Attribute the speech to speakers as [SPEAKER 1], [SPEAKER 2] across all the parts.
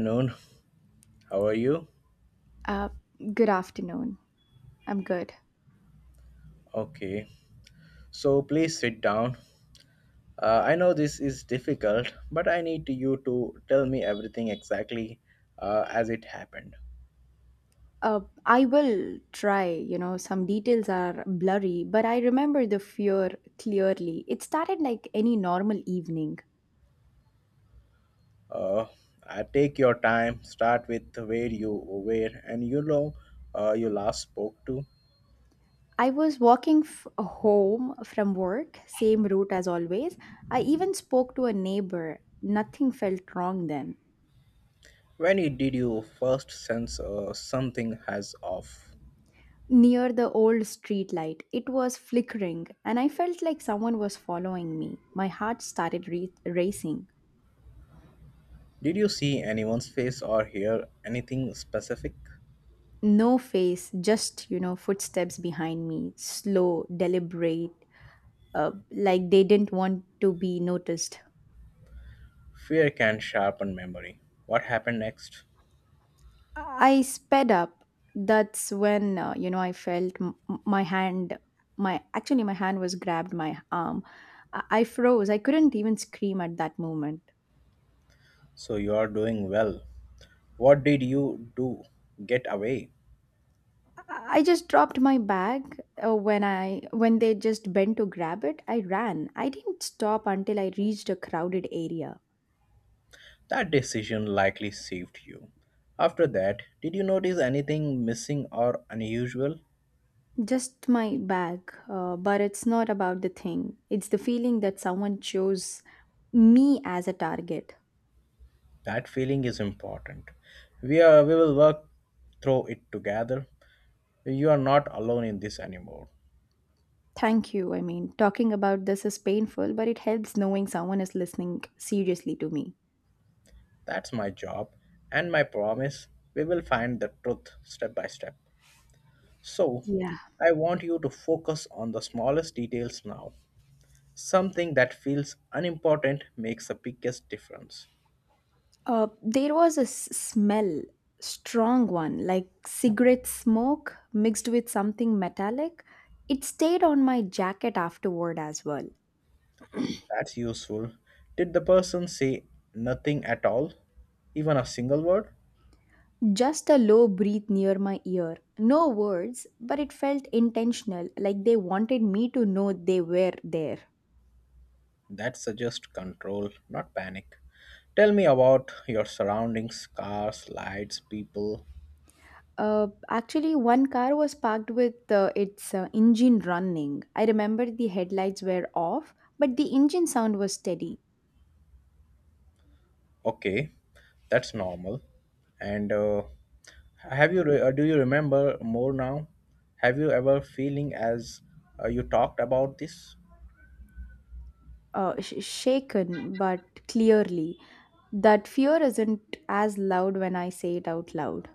[SPEAKER 1] Afternoon. How are you?
[SPEAKER 2] Uh, Good afternoon. I'm good.
[SPEAKER 1] Okay. So please sit down. I know this is difficult, but I need you to tell me everything exactly as it happened.
[SPEAKER 2] I will try. Some details are blurry, but I remember the fear clearly. It started like any normal evening.
[SPEAKER 1] Uh, Take your time. Start with where you were and you last spoke to.
[SPEAKER 2] I was walking home from work, same route as always. I even spoke to a neighbor. Nothing felt wrong then.
[SPEAKER 1] Did you first sense something has off?
[SPEAKER 2] Near the old street light, it was flickering, and I felt like someone was following me. My heart started racing.
[SPEAKER 1] Did you see anyone's face or hear anything specific?
[SPEAKER 2] No face, just, footsteps behind me, slow, deliberate, like they didn't want to be noticed.
[SPEAKER 1] Fear can sharpen memory. What happened next?
[SPEAKER 2] I sped up. That's when, I felt m- m- my hand, my actually, my hand was grabbed my arm. I froze. I couldn't even scream at that moment.
[SPEAKER 1] So you are doing well. What did you do? Get away.
[SPEAKER 2] I just dropped my bag when I when they just bent to grab it. I ran. I didn't stop until I reached a crowded area.
[SPEAKER 1] That decision likely saved you. After that, did you notice anything missing or unusual?
[SPEAKER 2] Just my bag, but it's not about the thing. It's the feeling that someone chose me as a target.
[SPEAKER 1] That feeling is important. We will work through it together. You are not alone in this anymore.
[SPEAKER 2] Thank you. I mean, talking about this is painful, but it helps knowing someone is listening seriously to me.
[SPEAKER 1] That's my job and my promise. We will find the truth step by step. So,
[SPEAKER 2] Yeah.
[SPEAKER 1] I want you to focus on the smallest details now. Something that feels unimportant makes the biggest difference.
[SPEAKER 2] There was a smell, strong one, like cigarette smoke mixed with something metallic. It stayed on my jacket afterward as well.
[SPEAKER 1] That's useful. Did the person say nothing at all? Even a single word?
[SPEAKER 2] Just a low breath near my ear. No words, but it felt intentional, like they wanted me to know they were there.
[SPEAKER 1] That suggests control, not panic. Tell me about your surroundings cars, lights, people.
[SPEAKER 2] Actually, one car was parked with its engine running. I remember the headlights were off, but the engine sound was steady.
[SPEAKER 1] Okay, that's normal. And have do you remember more now? Have you ever feeling as you talked about this?
[SPEAKER 2] Shaken, but clearly. That fear isn't as loud when I say it out loud.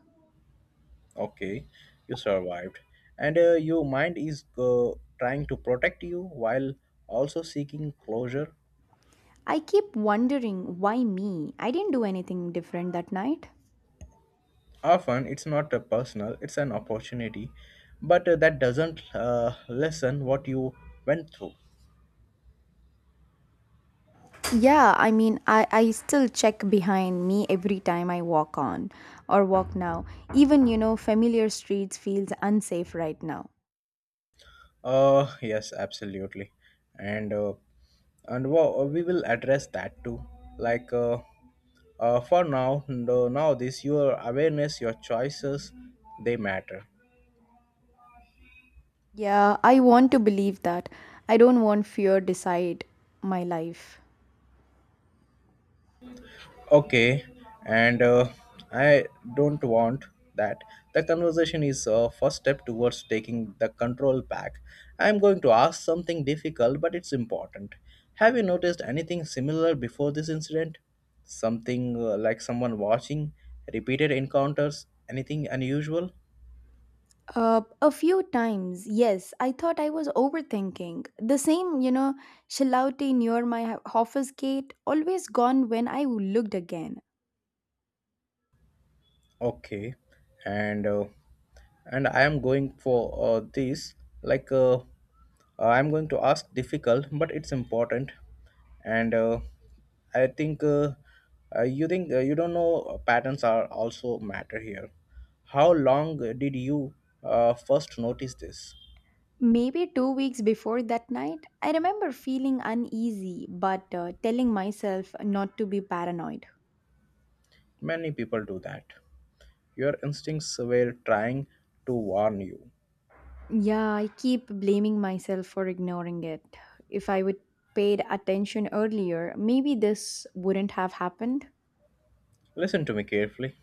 [SPEAKER 1] Okay, you survived. And your mind is trying to protect you while also seeking closure.
[SPEAKER 2] I keep wondering, why me? I didn't do anything different that night.
[SPEAKER 1] Often it's not a personal, it's an opportunity, but that doesn't lessen what you went through.
[SPEAKER 2] Yeah, I mean, I still check behind me every time I walk on or walk now. Even, familiar streets feels unsafe right now.
[SPEAKER 1] Yes, absolutely, and we will address that too, like for now. No, Now this your awareness, your choices, they matter.
[SPEAKER 2] Yeah, I want to believe that. I don't want fear decide my life.
[SPEAKER 1] Okay, and I don't want that. The conversation is a first step towards taking the control back. I am going to ask something difficult, but it's important. Have you noticed anything similar before this incident? Something like someone watching, repeated encounters, anything unusual?
[SPEAKER 2] A few times, yes, I thought I was overthinking. The same, shilauti near my office gate always gone when I looked again.
[SPEAKER 1] Okay, and uh, and I am going for this. Like uh, uh, I'm going to ask difficult, but it's important. And I think you think you don't know patterns are also matter here. How long did you first notice this?
[SPEAKER 2] Maybe 2 weeks before that night, I remember feeling uneasy but telling myself not to be paranoid.
[SPEAKER 1] Many people do that. Your instincts were trying to warn you.
[SPEAKER 2] Yeah, I keep blaming myself for ignoring it. If I would paid attention earlier, maybe this wouldn't have happened.
[SPEAKER 1] Listen to me carefully.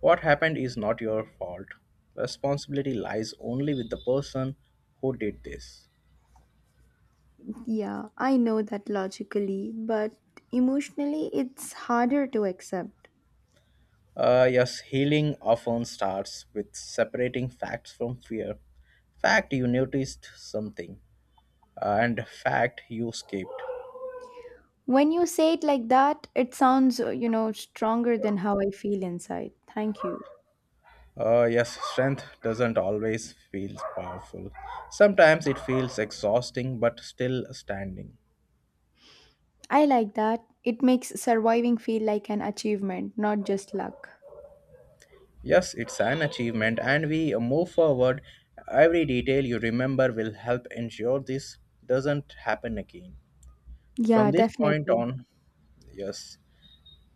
[SPEAKER 1] What happened is not your fault. Responsibility lies only with the person who did this.
[SPEAKER 2] Yeah, I know that logically, but emotionally it's harder to accept.
[SPEAKER 1] Yes, healing often starts with separating facts from fear. Fact, you noticed something, and fact, you escaped.
[SPEAKER 2] When you say it like that, it sounds, stronger than how I feel inside. Thank you.
[SPEAKER 1] Yes, strength doesn't always feel powerful. Sometimes it feels exhausting, but still standing.
[SPEAKER 2] I like that. It makes surviving feel like an achievement, not just luck.
[SPEAKER 1] Yes, it's an achievement, and we move forward. Every detail you remember will help ensure this doesn't happen again.
[SPEAKER 2] Yeah,
[SPEAKER 1] From this point
[SPEAKER 2] definitely.
[SPEAKER 1] on, yes,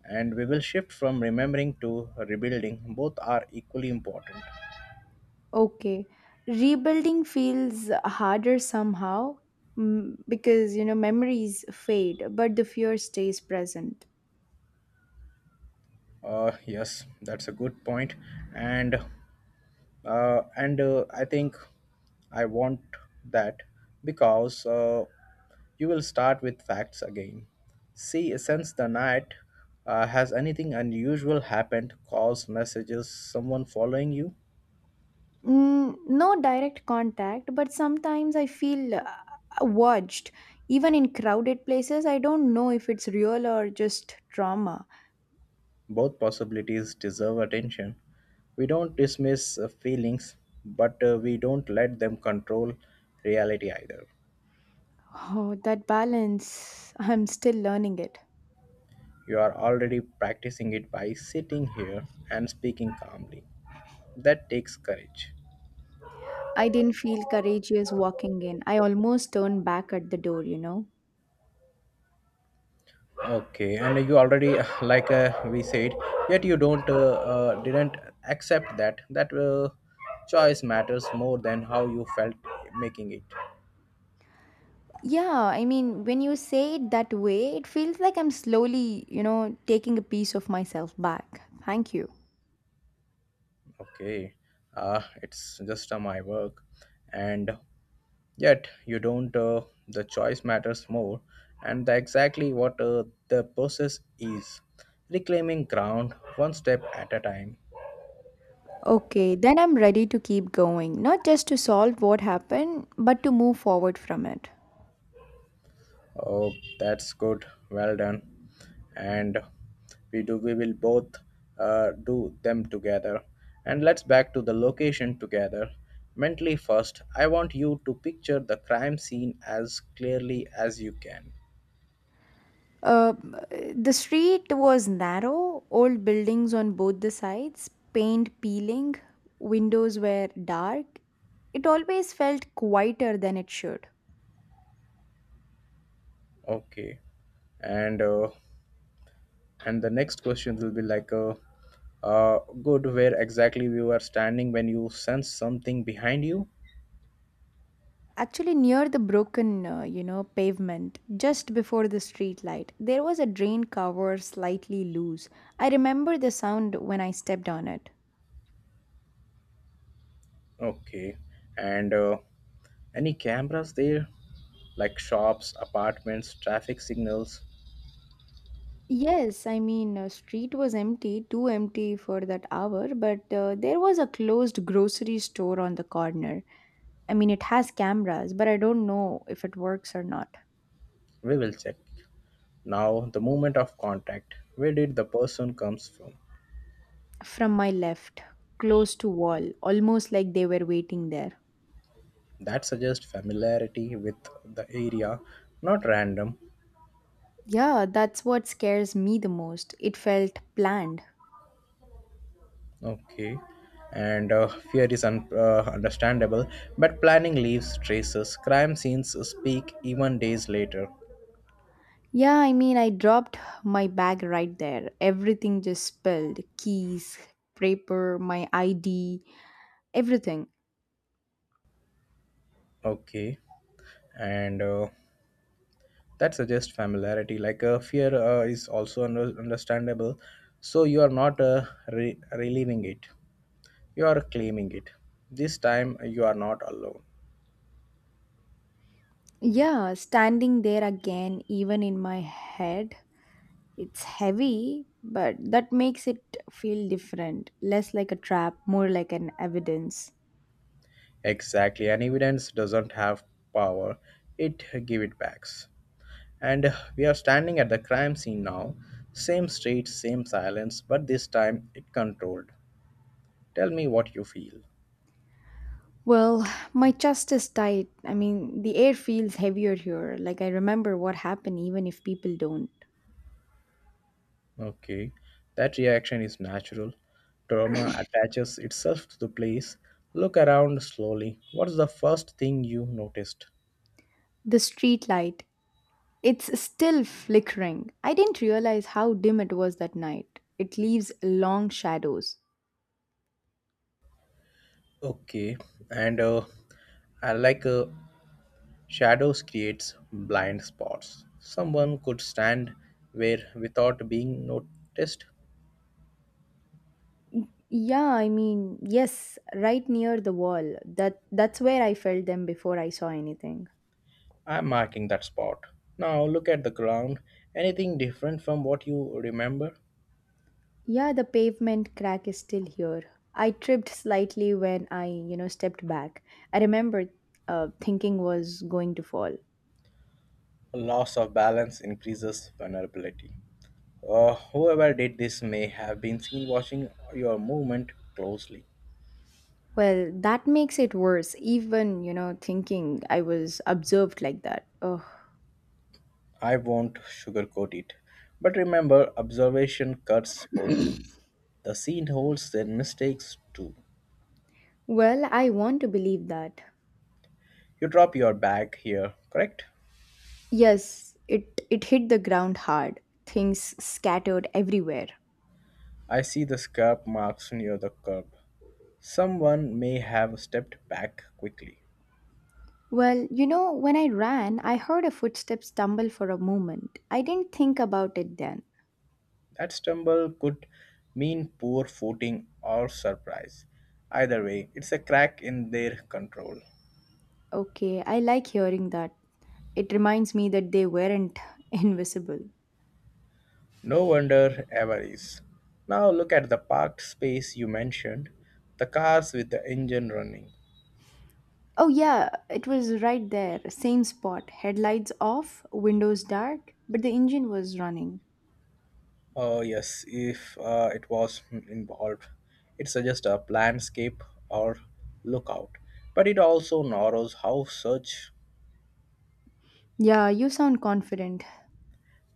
[SPEAKER 1] and we will shift from remembering to rebuilding. Both are equally important.
[SPEAKER 2] Okay. Rebuilding feels harder somehow because, memories fade, but the fear stays present.
[SPEAKER 1] Yes, that's a good point, and I think I want that because you will start with facts again. See, since the night, has anything unusual happened? Calls, messages, someone following you?
[SPEAKER 2] No direct contact, but sometimes I feel watched. Even in crowded places, I don't know if it's real or just trauma.
[SPEAKER 1] Both possibilities deserve attention. We don't dismiss feelings, but we don't let them control reality either.
[SPEAKER 2] Oh, that balance, I'm still learning it.
[SPEAKER 1] You are already practicing it by sitting here and speaking calmly. That takes courage.
[SPEAKER 2] I didn't feel courageous walking in. I almost turned back at the door.
[SPEAKER 1] Okay, and you already, like we said, yet you don't didn't accept that choice matters more than how you felt making it.
[SPEAKER 2] Yeah, I mean, when you say it that way, it feels like I'm slowly, taking a piece of myself back. Thank you.
[SPEAKER 1] Okay, it's just my work, and yet you don't. The choice matters more, and the exactly what the process is. Reclaiming ground one step at a time.
[SPEAKER 2] Okay, then I'm ready to keep going, not just to solve what happened, but to move forward from it.
[SPEAKER 1] Oh, that's good. Well done. And We will both do them together. And let's back to the location together. Mentally first, I want you to picture the crime scene as clearly as you can.
[SPEAKER 2] Uh, the street was narrow, old buildings on both the sides, paint peeling, windows were dark. It always felt quieter than it should.
[SPEAKER 1] Okay. And uh, and the next question will be like good where exactly you are standing when you sense something behind you.
[SPEAKER 2] Actually, near the broken, pavement, just before the street light, there was a drain cover slightly loose. I remember the sound when I stepped on it.
[SPEAKER 1] Okay, and any cameras there, like shops, apartments, traffic signals.
[SPEAKER 2] Yes, I mean, street was empty, too empty for that hour, but there was a closed grocery store on the corner. I mean, it has cameras, but I don't know if it works or not.
[SPEAKER 1] We will check. Now the moment of contact, where did the person comes from?
[SPEAKER 2] From my left, close to wall, almost like they were waiting there.
[SPEAKER 1] That suggests familiarity with the area, not random.
[SPEAKER 2] Yeah, that's what scares me the most. It felt planned.
[SPEAKER 1] Okay. And fear is understandable, but planning leaves traces. Crime scenes speak even days later.
[SPEAKER 2] Yeah, I mean, I dropped my bag right there. Everything just spilled, keys, paper, my ID, everything.
[SPEAKER 1] Okay. And that suggests familiarity. Like fear is also understandable. So you are not relieving it, you are claiming it. This time you are not alone.
[SPEAKER 2] Yeah, standing there again, even in my head, it's heavy, but that makes it feel different, less like a trap, more like an evidence.
[SPEAKER 1] Exactly. And evidence doesn't have power, it give it backs. And we are standing at the crime scene now. Same street, same silence, but this time it controlled. Tell me what you feel.
[SPEAKER 2] Well, my chest is tight. I mean, the air feels heavier here, like I remember what happened even if people don't.
[SPEAKER 1] Okay, that reaction is natural. Trauma attaches itself to the place. Look around slowly. What's the first thing you noticed?
[SPEAKER 2] The street light, it's still flickering. I didn't realize how dim it was that night. It leaves long shadows.
[SPEAKER 1] Okay, and I like shadows creates blind spots. Someone could stand where without being noticed.
[SPEAKER 2] Yeah, I mean, yes, right near the wall. That's where I felt them before I saw anything.
[SPEAKER 1] I'm marking that spot. Now look at the ground. Anything different from what you remember?
[SPEAKER 2] Yeah, the pavement crack is still here. I tripped slightly when I, stepped back. I remember thinking was going to fall.
[SPEAKER 1] Loss of balance increases vulnerability. Whoever did this may have been seen watching your movement closely.
[SPEAKER 2] Well, that makes it worse, even, thinking I was observed like that. Oh.
[SPEAKER 1] I won't sugarcoat it. But remember, observation cuts both ways. The scene holds their mistakes too.
[SPEAKER 2] Well, I want to believe that.
[SPEAKER 1] You drop your bag here, correct?
[SPEAKER 2] Yes, it hit the ground hard. Things scattered everywhere.
[SPEAKER 1] I see the scarp marks near the curb. Someone may have stepped back quickly.
[SPEAKER 2] Well, when I ran, I heard a footstep stumble for a moment. I didn't think about it then.
[SPEAKER 1] That stumble could mean poor footing or surprise. Either way, it's a crack in their control.
[SPEAKER 2] Okay, I like hearing that. It reminds me that they weren't invisible.
[SPEAKER 1] No wonder ever is. Now look at the parked space you mentioned, the cars with the engine running.
[SPEAKER 2] Oh, yeah, it was right there, same spot, headlights off, windows dark, but the engine was running.
[SPEAKER 1] Oh, yes, if it was involved, it suggests a landscape or lookout. But it also narrows how such
[SPEAKER 2] Yeah, you sound confident.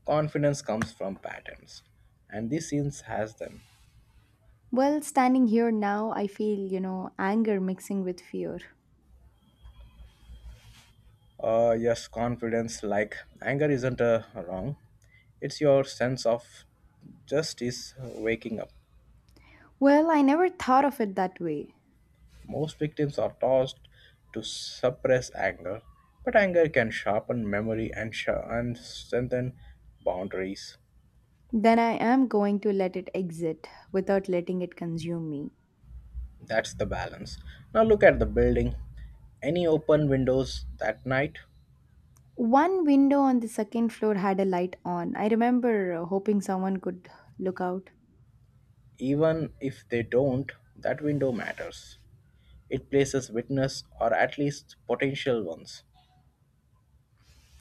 [SPEAKER 1] confidence comes from patterns, and this scene has them.
[SPEAKER 2] Well, standing here now, I feel, anger mixing with fear.
[SPEAKER 1] Yes, confidence like anger isn't wrong. It's your sense of justice waking up.
[SPEAKER 2] Well, I never thought of it that way.
[SPEAKER 1] Most victims are taught to suppress anger, but anger can sharpen memory and strengthen boundaries.
[SPEAKER 2] Then I am going to let it exit without letting it consume me.
[SPEAKER 1] That's the balance. Now look at the building. Any open windows that night,
[SPEAKER 2] One window on the second floor had a light on. I remember hoping someone could look out.
[SPEAKER 1] even if they don't, that window matters. It places witness or at least potential ones.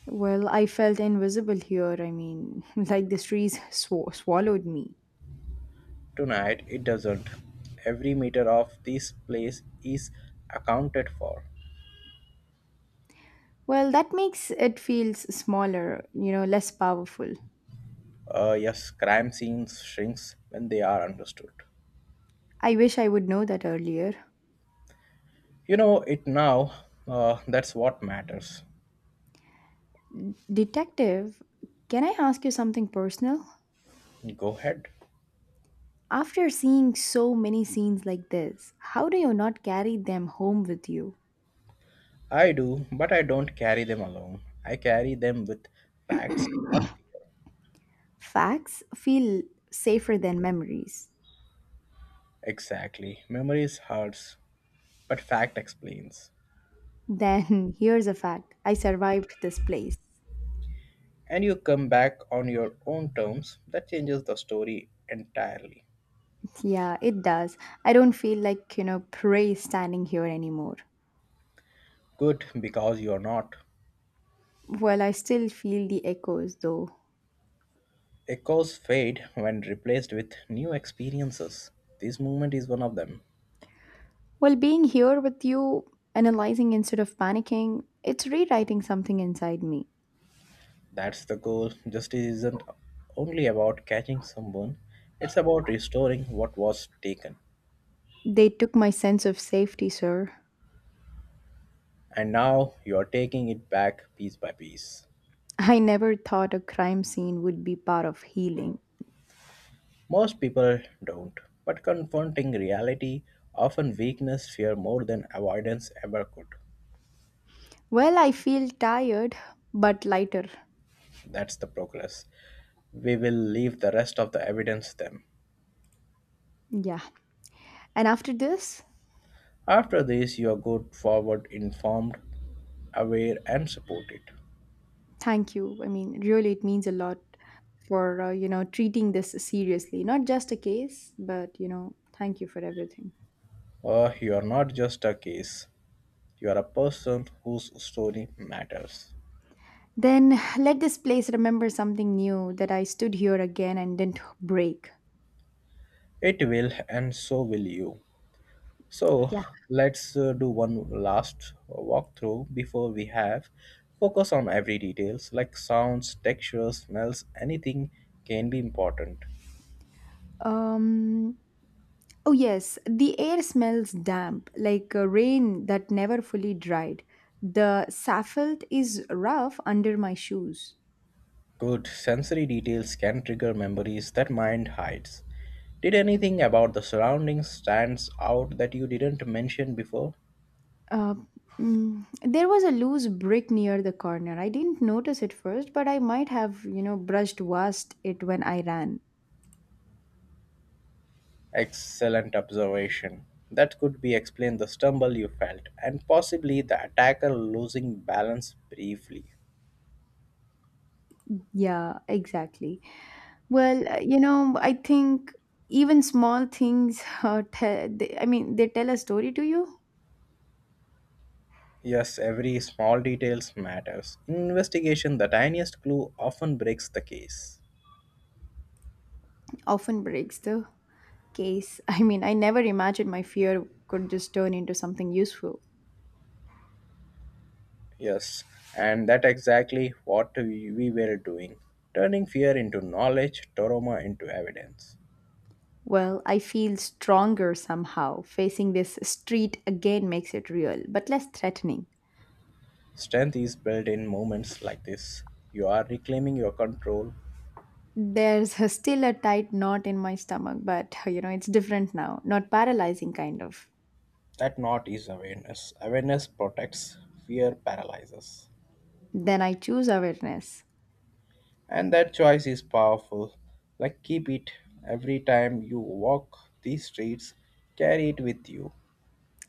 [SPEAKER 2] Well, I felt invisible here. I mean, like the trees swallowed me.
[SPEAKER 1] Tonight it doesn't. Every meter of this place is accounted for.
[SPEAKER 2] Well, that makes it feels smaller, less powerful.
[SPEAKER 1] Yes, crime scenes shrinks when they are understood.
[SPEAKER 2] I wish I would know that earlier.
[SPEAKER 1] You know it now. That's what matters.
[SPEAKER 2] Detective, can I ask you something personal?
[SPEAKER 1] Go ahead.
[SPEAKER 2] After seeing so many scenes like this, how do you not carry them home with you?
[SPEAKER 1] I do, but I don't carry them alone. I carry them with facts, not fear.
[SPEAKER 2] Facts feel safer than memories.
[SPEAKER 1] Exactly. Memories hurts, but fact explains.
[SPEAKER 2] Then here's a fact, I survived this place.
[SPEAKER 1] And you come back on your own terms, that changes the story entirely.
[SPEAKER 2] Yeah, it does. I don't feel like, prey standing here anymore.
[SPEAKER 1] Good because you're not.
[SPEAKER 2] Well, I still feel the echoes though.
[SPEAKER 1] Echoes fade when replaced with new experiences. This movement is one of them.
[SPEAKER 2] Well, being here with you, analyzing instead of panicking, it's rewriting something inside me.
[SPEAKER 1] That's the goal. Justice isn't only about catching someone, it's about restoring what was taken.
[SPEAKER 2] They took my sense of safety, sir.
[SPEAKER 1] And now you are taking it back piece by piece.
[SPEAKER 2] I never thought a crime scene would be part of healing.
[SPEAKER 1] Most people don't, but confronting reality, often weakness, fear more than avoidance ever could.
[SPEAKER 2] Well, I feel tired, but lighter.
[SPEAKER 1] That's the progress. We will leave the rest of the evidence them.
[SPEAKER 2] Yeah. And after this,
[SPEAKER 1] After this, you are good, forward, informed, aware, and supported.
[SPEAKER 2] thank you. I mean, really, it means a lot for, treating this seriously. Not just a case, but, thank you for everything.
[SPEAKER 1] You are not just a case, you are a person whose story matters.
[SPEAKER 2] Then let this place remember something new, that I stood here again and didn't break.
[SPEAKER 1] It will, and so will you. So,
[SPEAKER 2] Yeah.
[SPEAKER 1] let's do one last walkthrough before we have focus on every details like sounds, textures, smells, anything can be important.
[SPEAKER 2] Um, oh, yes, the air smells damp, like rain that never fully dried. The asphalt is rough under my shoes.
[SPEAKER 1] Good sensory details can trigger memories that mind hides. Did anything about the surroundings stands out that you didn't mention before?
[SPEAKER 2] Uh, there was a loose brick near the corner. I didn't notice it first, but I might have, brushed past it when I ran.
[SPEAKER 1] Excellent observation. That could be explained the stumble you felt and possibly the attacker losing balance briefly.
[SPEAKER 2] Yeah, exactly. Well, I think even small things, they, I mean, they tell a story to you,
[SPEAKER 1] Yes, every small details matters. In investigation, the tiniest clue often breaks the case.
[SPEAKER 2] often breaks the case. I mean, I never imagined my fear could just turn into something useful.
[SPEAKER 1] Yes, and that exactly what we were doing, turning fear into knowledge, trauma into evidence.
[SPEAKER 2] Well, I feel stronger somehow. Facing this street again makes it real, but less threatening.
[SPEAKER 1] Strength is built in moments like this. You are reclaiming your control.
[SPEAKER 2] There's still a tight knot in my stomach, but it's different now. Not paralyzing, kind of.
[SPEAKER 1] That knot is awareness. Awareness protects, fear paralyzes.
[SPEAKER 2] Then I choose awareness.
[SPEAKER 1] And that choice is powerful. Like keep it every time you walk these streets, carry it with you.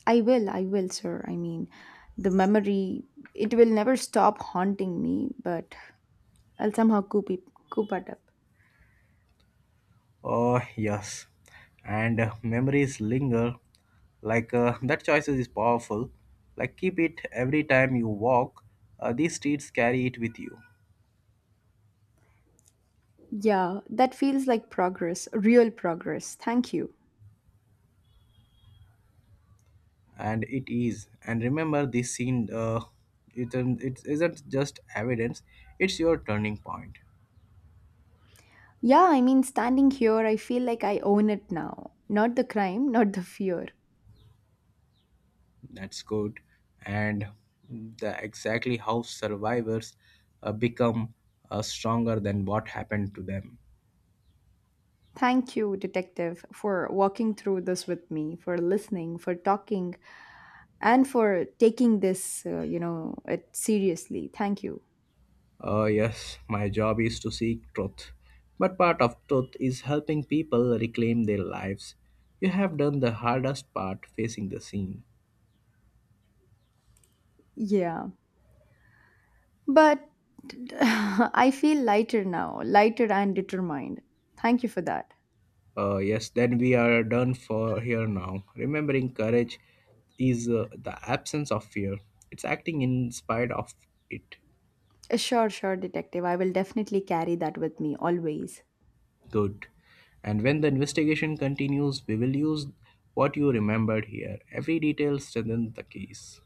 [SPEAKER 2] I will, sir. I mean, the memory, it will never stop haunting me, but I'll somehow coop it, up.
[SPEAKER 1] Oh, yes. And memories linger. Like that choice is powerful. Like keep it every time you walk. These streets carry it with you,
[SPEAKER 2] Yeah, that feels like progress, real progress. Thank you.
[SPEAKER 1] and it is. And remember, this scene. It isn't just evidence. It's your turning point.
[SPEAKER 2] Yeah, I mean, standing here, I feel like I own it now. Not the crime, not the fear.
[SPEAKER 1] That's good. And the exactly how survivors become stronger than what happened to them.
[SPEAKER 2] Thank you, detective, for walking through this with me, for listening, for talking, and for taking this, it seriously. Thank you.
[SPEAKER 1] Yes, my job is to seek truth. But part of truth is helping people reclaim their lives. You have done the hardest part facing the scene.
[SPEAKER 2] Yeah. But I feel lighter now, lighter and determined. Thank you for that.
[SPEAKER 1] Yes, then we are done for here now. Remembering courage is the absence of fear, it's acting in spite of it.
[SPEAKER 2] Sure, sure, detective. I will definitely carry that with me always.
[SPEAKER 1] Good. And when the investigation continues, we will use what you remembered here. Every detail strengthens the case.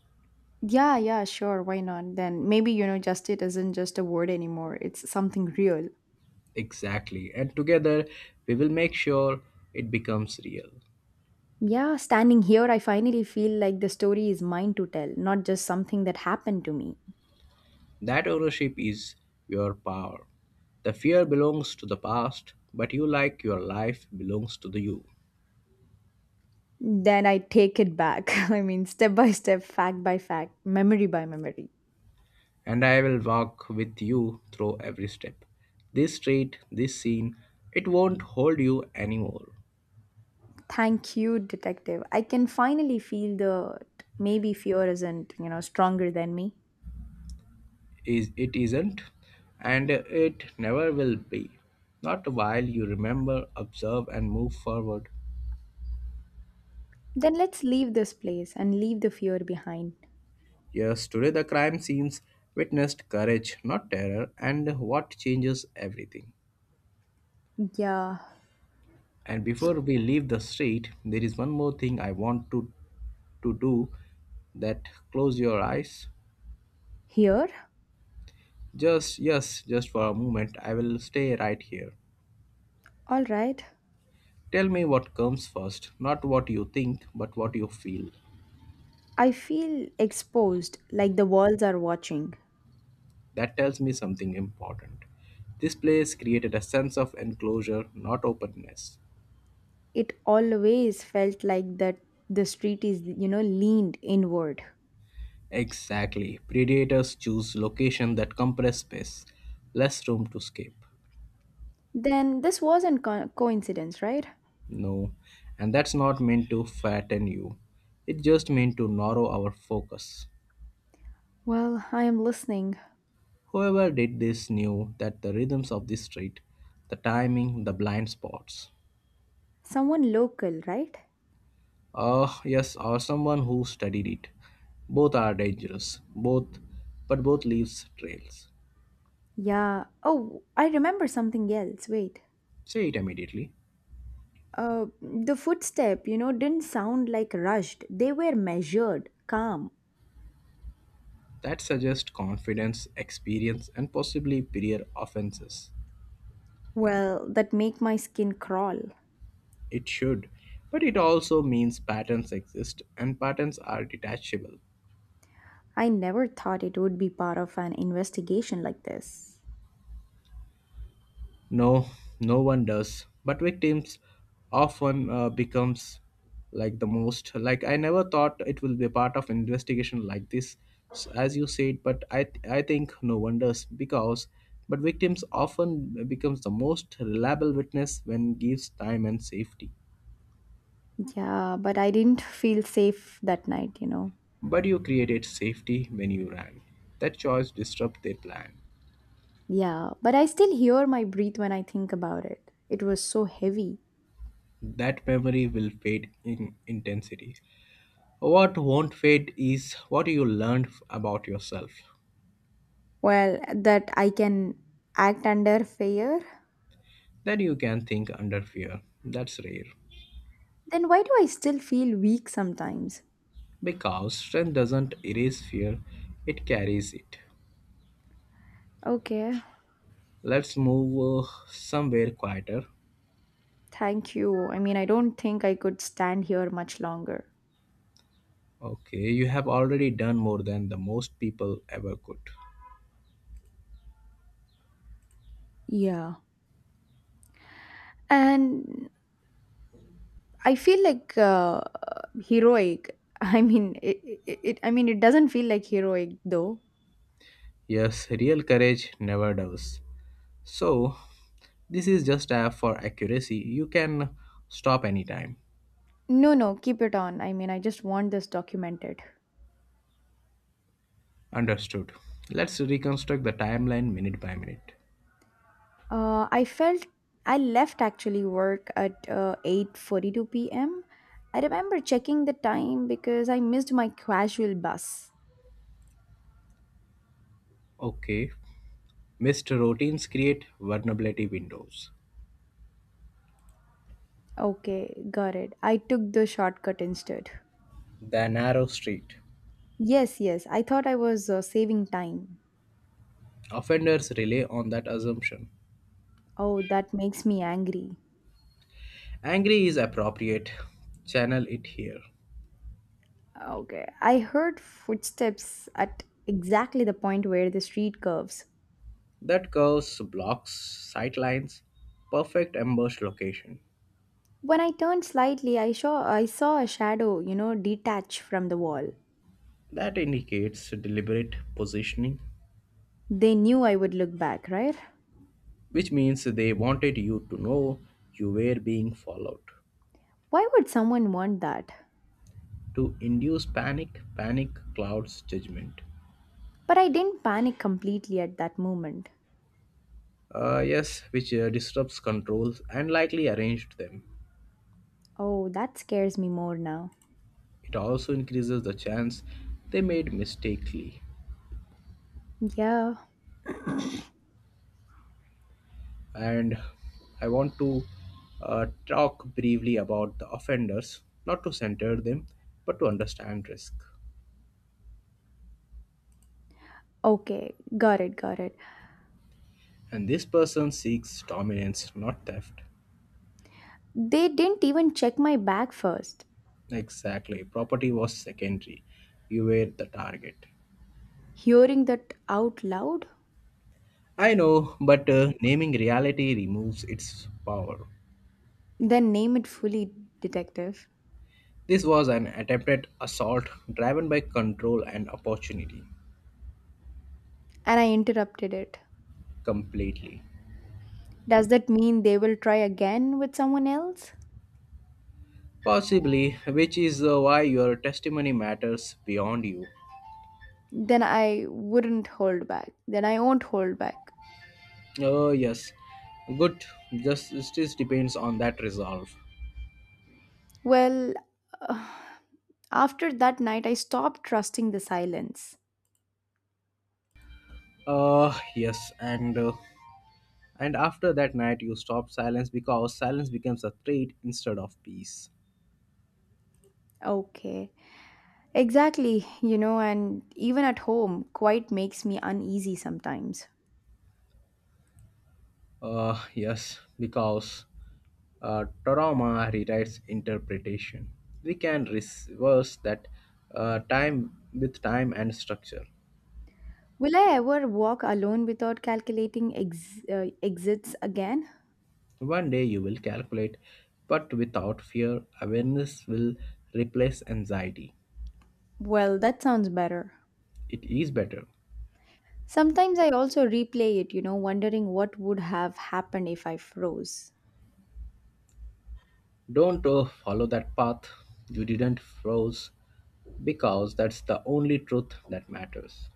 [SPEAKER 2] Yeah, yeah, sure. Why not? Then maybe, justice isn't just a word anymore. It's something real.
[SPEAKER 1] Exactly. And together we will make sure it becomes real.
[SPEAKER 2] Yeah, standing here, I finally feel like the story is mine to tell, not just something that happened to me.
[SPEAKER 1] That ownership is your power. The fear belongs to the past, but you, like your life, belongs to the you.
[SPEAKER 2] Then I take it back. I mean, step by step, fact by fact, memory by memory.
[SPEAKER 1] And I will walk with you through every step. This street, this scene, it won't hold you anymore.
[SPEAKER 2] Thank you, detective. I can finally feel the, maybe fear isn't, stronger than me.
[SPEAKER 1] Is it isn't, and it never will be. Not while you remember, observe, and move forward.
[SPEAKER 2] Then let's leave this place and leave the fear behind.
[SPEAKER 1] Yes, today the crime scenes witnessed courage, not terror, and what changes everything.
[SPEAKER 2] Yeah,
[SPEAKER 1] And before we leave the street, there is one more thing I want to do that Close your eyes.
[SPEAKER 2] here?
[SPEAKER 1] Just, yes, just for a moment, I will stay right here.
[SPEAKER 2] All right.
[SPEAKER 1] Tell me what comes first, not what you think, but what you feel.
[SPEAKER 2] I feel exposed, like the walls are watching.
[SPEAKER 1] That tells me something important. This place created a sense of enclosure, not openness.
[SPEAKER 2] It always felt like that, the street is, leaned inward.
[SPEAKER 1] Exactly. Predators choose location that compress space, less room to escape.
[SPEAKER 2] Then this wasn't coincidence, right?
[SPEAKER 1] No, and that's not meant to fatten you. It just meant to narrow our focus.
[SPEAKER 2] Well, I am listening.
[SPEAKER 1] Whoever did this knew that the rhythms of this street, the timing, the blind spots.
[SPEAKER 2] Someone local, right?
[SPEAKER 1] Ah, yes, or someone who studied it. Both are dangerous, both, but both leaves trails.
[SPEAKER 2] Yeah. Oh, I remember something else. Wait.
[SPEAKER 1] Say it immediately.
[SPEAKER 2] The footstep, didn't sound like rushed. They were measured, calm.
[SPEAKER 1] That suggests confidence, experience, and possibly prior offenses.
[SPEAKER 2] Well, that make my skin crawl.
[SPEAKER 1] It should. But it also means patterns exist and patterns are detachable.
[SPEAKER 2] I never thought it would be part of an investigation like this.
[SPEAKER 1] No, no one does. But victims often becomes like the most like I never thought it will be a part of an investigation like this as you said, but I I think no one does because but victims often becomes the most reliable witness when gives time and safety.
[SPEAKER 2] Yeah, but I didn't feel safe that night.
[SPEAKER 1] But you created safety when you ran. That choice disrupt their plan.
[SPEAKER 2] Yeah, but I still hear my breath when I think about it. It was so heavy.
[SPEAKER 1] That memory will fade in intensity. What won't fade is what you learned about yourself.
[SPEAKER 2] Well, that I can act under fear.
[SPEAKER 1] Then you can think under fear. That's rare.
[SPEAKER 2] Then why do I still feel weak sometimes?
[SPEAKER 1] Because strength doesn't erase fear, it carries it.
[SPEAKER 2] Okay.
[SPEAKER 1] Let's move somewhere quieter.
[SPEAKER 2] Thank you. I mean, I don't think I could stand here much longer.
[SPEAKER 1] Okay, you have already done more than the most people ever could.
[SPEAKER 2] Yeah, and I feel like heroic. I mean it, I mean it doesn't feel like heroic though.
[SPEAKER 1] Yes, real courage never does. So, this is just a for accuracy. You can stop anytime.
[SPEAKER 2] No, no, keep it on. I mean, I just want this documented.
[SPEAKER 1] Understood. Let's reconstruct the timeline minute by minute.
[SPEAKER 2] I felt I left actually work at 8:42 p.m. I remember checking the time because I missed my casual bus.
[SPEAKER 1] Okay. Missed routines create vulnerability windows.
[SPEAKER 2] Okay, got it. I took the shortcut instead.
[SPEAKER 1] The narrow street.
[SPEAKER 2] Yes, yes. I thought I was saving time.
[SPEAKER 1] Offenders rely on that assumption.
[SPEAKER 2] Oh, that makes me angry.
[SPEAKER 1] Angry is appropriate. Channel it here.
[SPEAKER 2] Okay. I heard footsteps at exactly the point where the street curves.
[SPEAKER 1] That curves, blocks, sightlines. Perfect ambush location.
[SPEAKER 2] When I turned slightly, I saw a shadow, you know, detach from the wall.
[SPEAKER 1] That indicates deliberate positioning,
[SPEAKER 2] They knew I would look back, right?
[SPEAKER 1] which means they wanted you to know you were being followed.
[SPEAKER 2] Why would someone want that?
[SPEAKER 1] To induce panic, panic clouds judgment.
[SPEAKER 2] But I didn't panic completely at that moment.
[SPEAKER 1] Yes, which disrupts controls and likely arranged them.
[SPEAKER 2] Oh, that scares me more now.
[SPEAKER 1] It also increases the chance they made mistakenly.
[SPEAKER 2] Yeah.
[SPEAKER 1] And I want to talk briefly about the offenders, not to center them, but to understand risk.
[SPEAKER 2] Okay, got it, got it.
[SPEAKER 1] And this person seeks dominance, not theft.
[SPEAKER 2] They didn't even check my bag first.
[SPEAKER 1] Exactly, property was secondary. You were the target.
[SPEAKER 2] Hearing that out loud,
[SPEAKER 1] I know, but naming reality removes its power.
[SPEAKER 2] then name it fully, detective.
[SPEAKER 1] This was an attempted assault driven by control and opportunity
[SPEAKER 2] And I interrupted it.
[SPEAKER 1] completely.
[SPEAKER 2] Does that mean they will try again with someone else?
[SPEAKER 1] Possibly, which is why your testimony matters beyond you.
[SPEAKER 2] Then I wouldn't hold back. Then I won't hold back.
[SPEAKER 1] Oh, yes. Good. Justice depends on that resolve.
[SPEAKER 2] Well, after that night, I stopped trusting the silence.
[SPEAKER 1] Yes. And after that night, you stop silence because silence becomes a threat instead of peace.
[SPEAKER 2] Okay, exactly, you know, and even at home, quiet makes me uneasy sometimes.
[SPEAKER 1] Yes. Because trauma rewrites interpretation. We can reverse that time with time and structure.
[SPEAKER 2] Will I ever walk alone without calculating exits again?
[SPEAKER 1] One day you will calculate, but without fear, awareness will replace anxiety.
[SPEAKER 2] Well, that sounds better.
[SPEAKER 1] It is better.
[SPEAKER 2] Sometimes I also replay it, you know, wondering what would have happened if I froze.
[SPEAKER 1] Don't follow that path, you didn't froze, because that's the only truth that matters.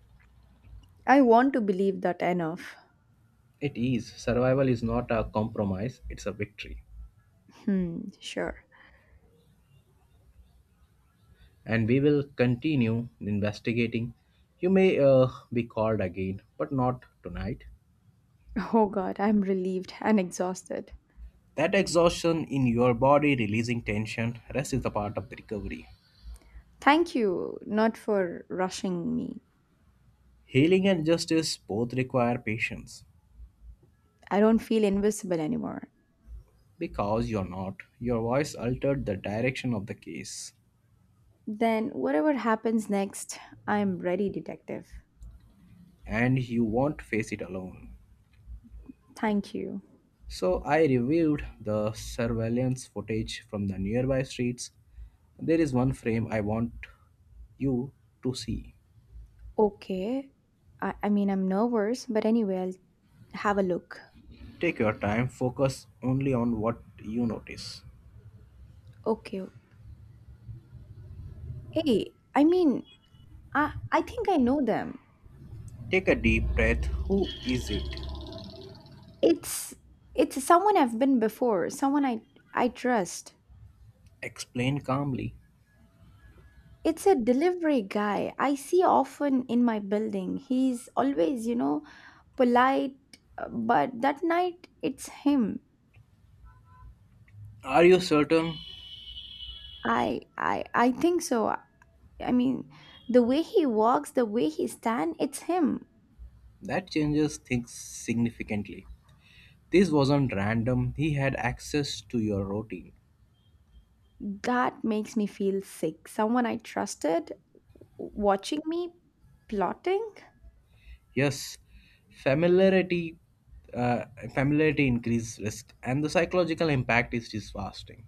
[SPEAKER 2] I want to believe that enough.
[SPEAKER 1] It is. Survival is not a compromise, it's a victory.
[SPEAKER 2] Hmm, sure.
[SPEAKER 1] And we will continue investigating. You may be called again, but not tonight.
[SPEAKER 2] Oh god, I'm relieved and exhausted.
[SPEAKER 1] That exhaustion in your body releasing tension, rest is the part of the recovery.
[SPEAKER 2] Thank you, not for rushing me.
[SPEAKER 1] Healing and justice both require patience.
[SPEAKER 2] I don't feel invisible anymore.
[SPEAKER 1] Because you're not, your voice altered the direction of the case,
[SPEAKER 2] Then, whatever happens next, I'm ready, detective.
[SPEAKER 1] and you won't face it alone.
[SPEAKER 2] Thank you.
[SPEAKER 1] So I reviewed the surveillance footage from the nearby streets. There is one frame I want you to see.
[SPEAKER 2] Okay. I mean, I'm nervous, but anyway, I'll have a look.
[SPEAKER 1] Take your time, focus only on what you notice.
[SPEAKER 2] Okay. Hey, I mean, I think I know them.
[SPEAKER 1] Take a deep breath. Who is it?
[SPEAKER 2] It's it's someone I've been before, someone I trust.
[SPEAKER 1] Explain calmly.
[SPEAKER 2] It's a delivery guy I see often in my building. He's always, you know, polite, but that night it's him.
[SPEAKER 1] Are you certain?
[SPEAKER 2] I think so. I mean, the way he walks, the way he stand, it's him.
[SPEAKER 1] That changes things significantly. This wasn't random, he had access to your routine.
[SPEAKER 2] That makes me feel sick. Someone I trusted watching me plotting.
[SPEAKER 1] Yes, familiarity. Uh, Familiarity increases risk and the psychological impact is disvasting.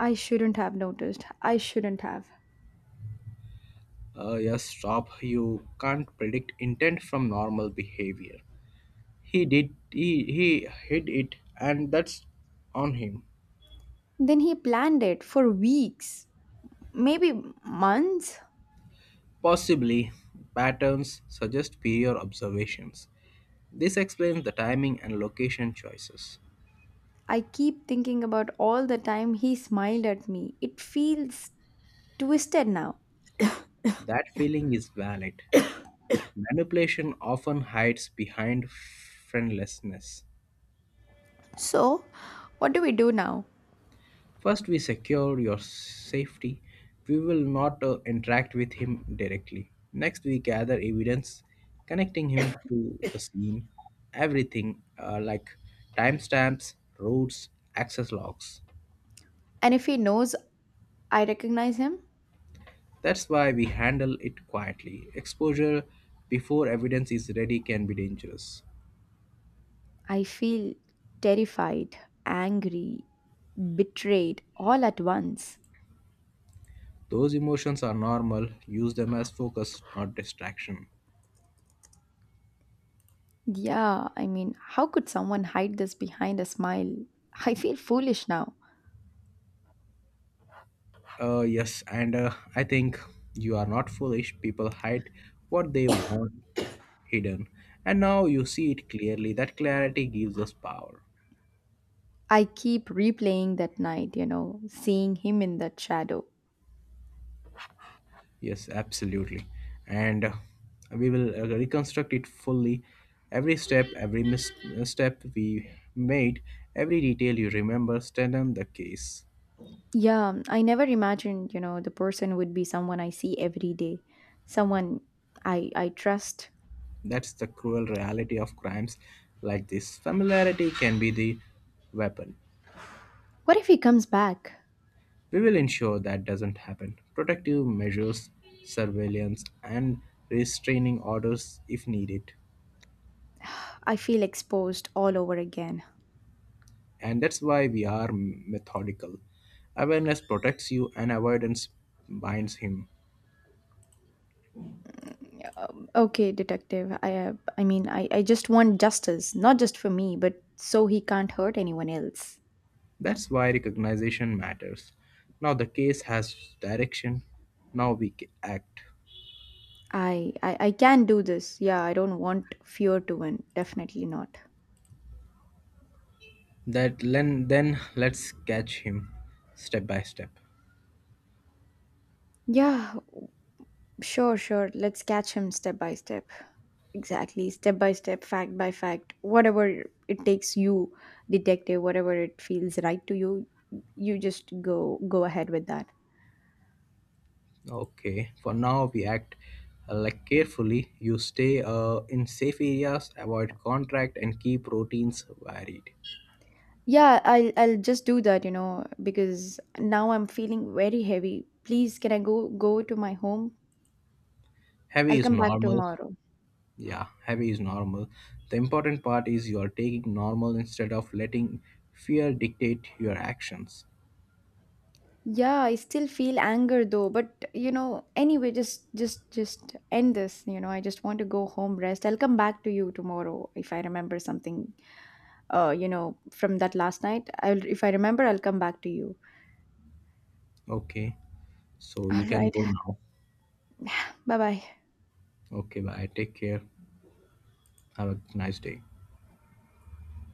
[SPEAKER 2] I shouldn't have noticed. I shouldn't have.
[SPEAKER 1] Yes, stop. You can't predict intent from normal behavior. He did. He hid it, and that's on him.
[SPEAKER 2] Then he planned it for weeks, maybe months.
[SPEAKER 1] Possibly, patterns suggest prior observations. This explains the timing and location choices.
[SPEAKER 2] I keep thinking about all the time he smiled at me. It feels twisted now.
[SPEAKER 1] That feeling is valid. Manipulation often hides behind friendlessness.
[SPEAKER 2] So, what do we do now?
[SPEAKER 1] First, we secure your safety. We will not interact with him directly. Next, we gather evidence connecting him to the scene, everything like timestamps, routes, access logs.
[SPEAKER 2] And if he knows I recognize him,
[SPEAKER 1] That's why we handle it quietly. Exposure before evidence is ready can be dangerous.
[SPEAKER 2] I feel terrified, angry, betrayed all at once.
[SPEAKER 1] Those emotions are normal, use them as focus, not distraction.
[SPEAKER 2] Yeah, I mean, how could someone hide this behind a smile? I feel foolish now.
[SPEAKER 1] Yes, and I think you are not foolish. People hide what they want hidden, and now you see it clearly. That clarity gives us power.
[SPEAKER 2] I keep replaying that night, you know, seeing him in that shadow.
[SPEAKER 1] Yes, absolutely. And, we will reconstruct it fully. Every step, every misstep we made, every detail you remember, strengthen the case.
[SPEAKER 2] Yeah, I never imagined, you know, the person would be someone I see every day, someone I trust.
[SPEAKER 1] That's the cruel reality of crimes like this. Familiarity can be the weapon.
[SPEAKER 2] What if he comes back?
[SPEAKER 1] We will ensure that doesn't happen. Protective measures, surveillance, and restraining orders if needed.
[SPEAKER 2] I feel exposed all over again.
[SPEAKER 1] And that's why we are methodical. Awareness protects you and avoidance binds him.
[SPEAKER 2] Okay, detective. I mean, I I just want justice, not just for me, but so he can't hurt anyone else.
[SPEAKER 1] That's why recognition matters. Now the case has direction. Now we act.
[SPEAKER 2] I can do this. Yeah, I don't want fear to win. Definitely not.
[SPEAKER 1] That then let's catch him step by step.
[SPEAKER 2] Yeah, sure, sure. Let's catch him step by step. Exactly, step by step, fact by fact. Whatever it takes you, detective, whatever it feels right to you, you just go ahead with that.
[SPEAKER 1] Okay, for now we act like carefully. You stay in safe areas, avoid contract, and keep routines varied.
[SPEAKER 2] Yeah, I'll just do that, you know, because now I'm feeling very heavy. Please, can I go to my home?
[SPEAKER 1] Heavy
[SPEAKER 2] I'll
[SPEAKER 1] is
[SPEAKER 2] come back
[SPEAKER 1] normal.
[SPEAKER 2] tomorrow.
[SPEAKER 1] Yeah, heavy is normal. The important part is you are taking normal instead of letting fear dictate your actions.
[SPEAKER 2] Yeah, I still feel anger though, but you know, anyway, just end this, you know. I just want to go home, rest. I'll come back to you tomorrow if I remember something you know, from that last night. I'll if I remember, I'll come back to you.
[SPEAKER 1] Okay, so you
[SPEAKER 2] All
[SPEAKER 1] can
[SPEAKER 2] right.
[SPEAKER 1] go now.
[SPEAKER 2] Bye-bye.
[SPEAKER 1] Okay, bye. Take care. Have a nice day.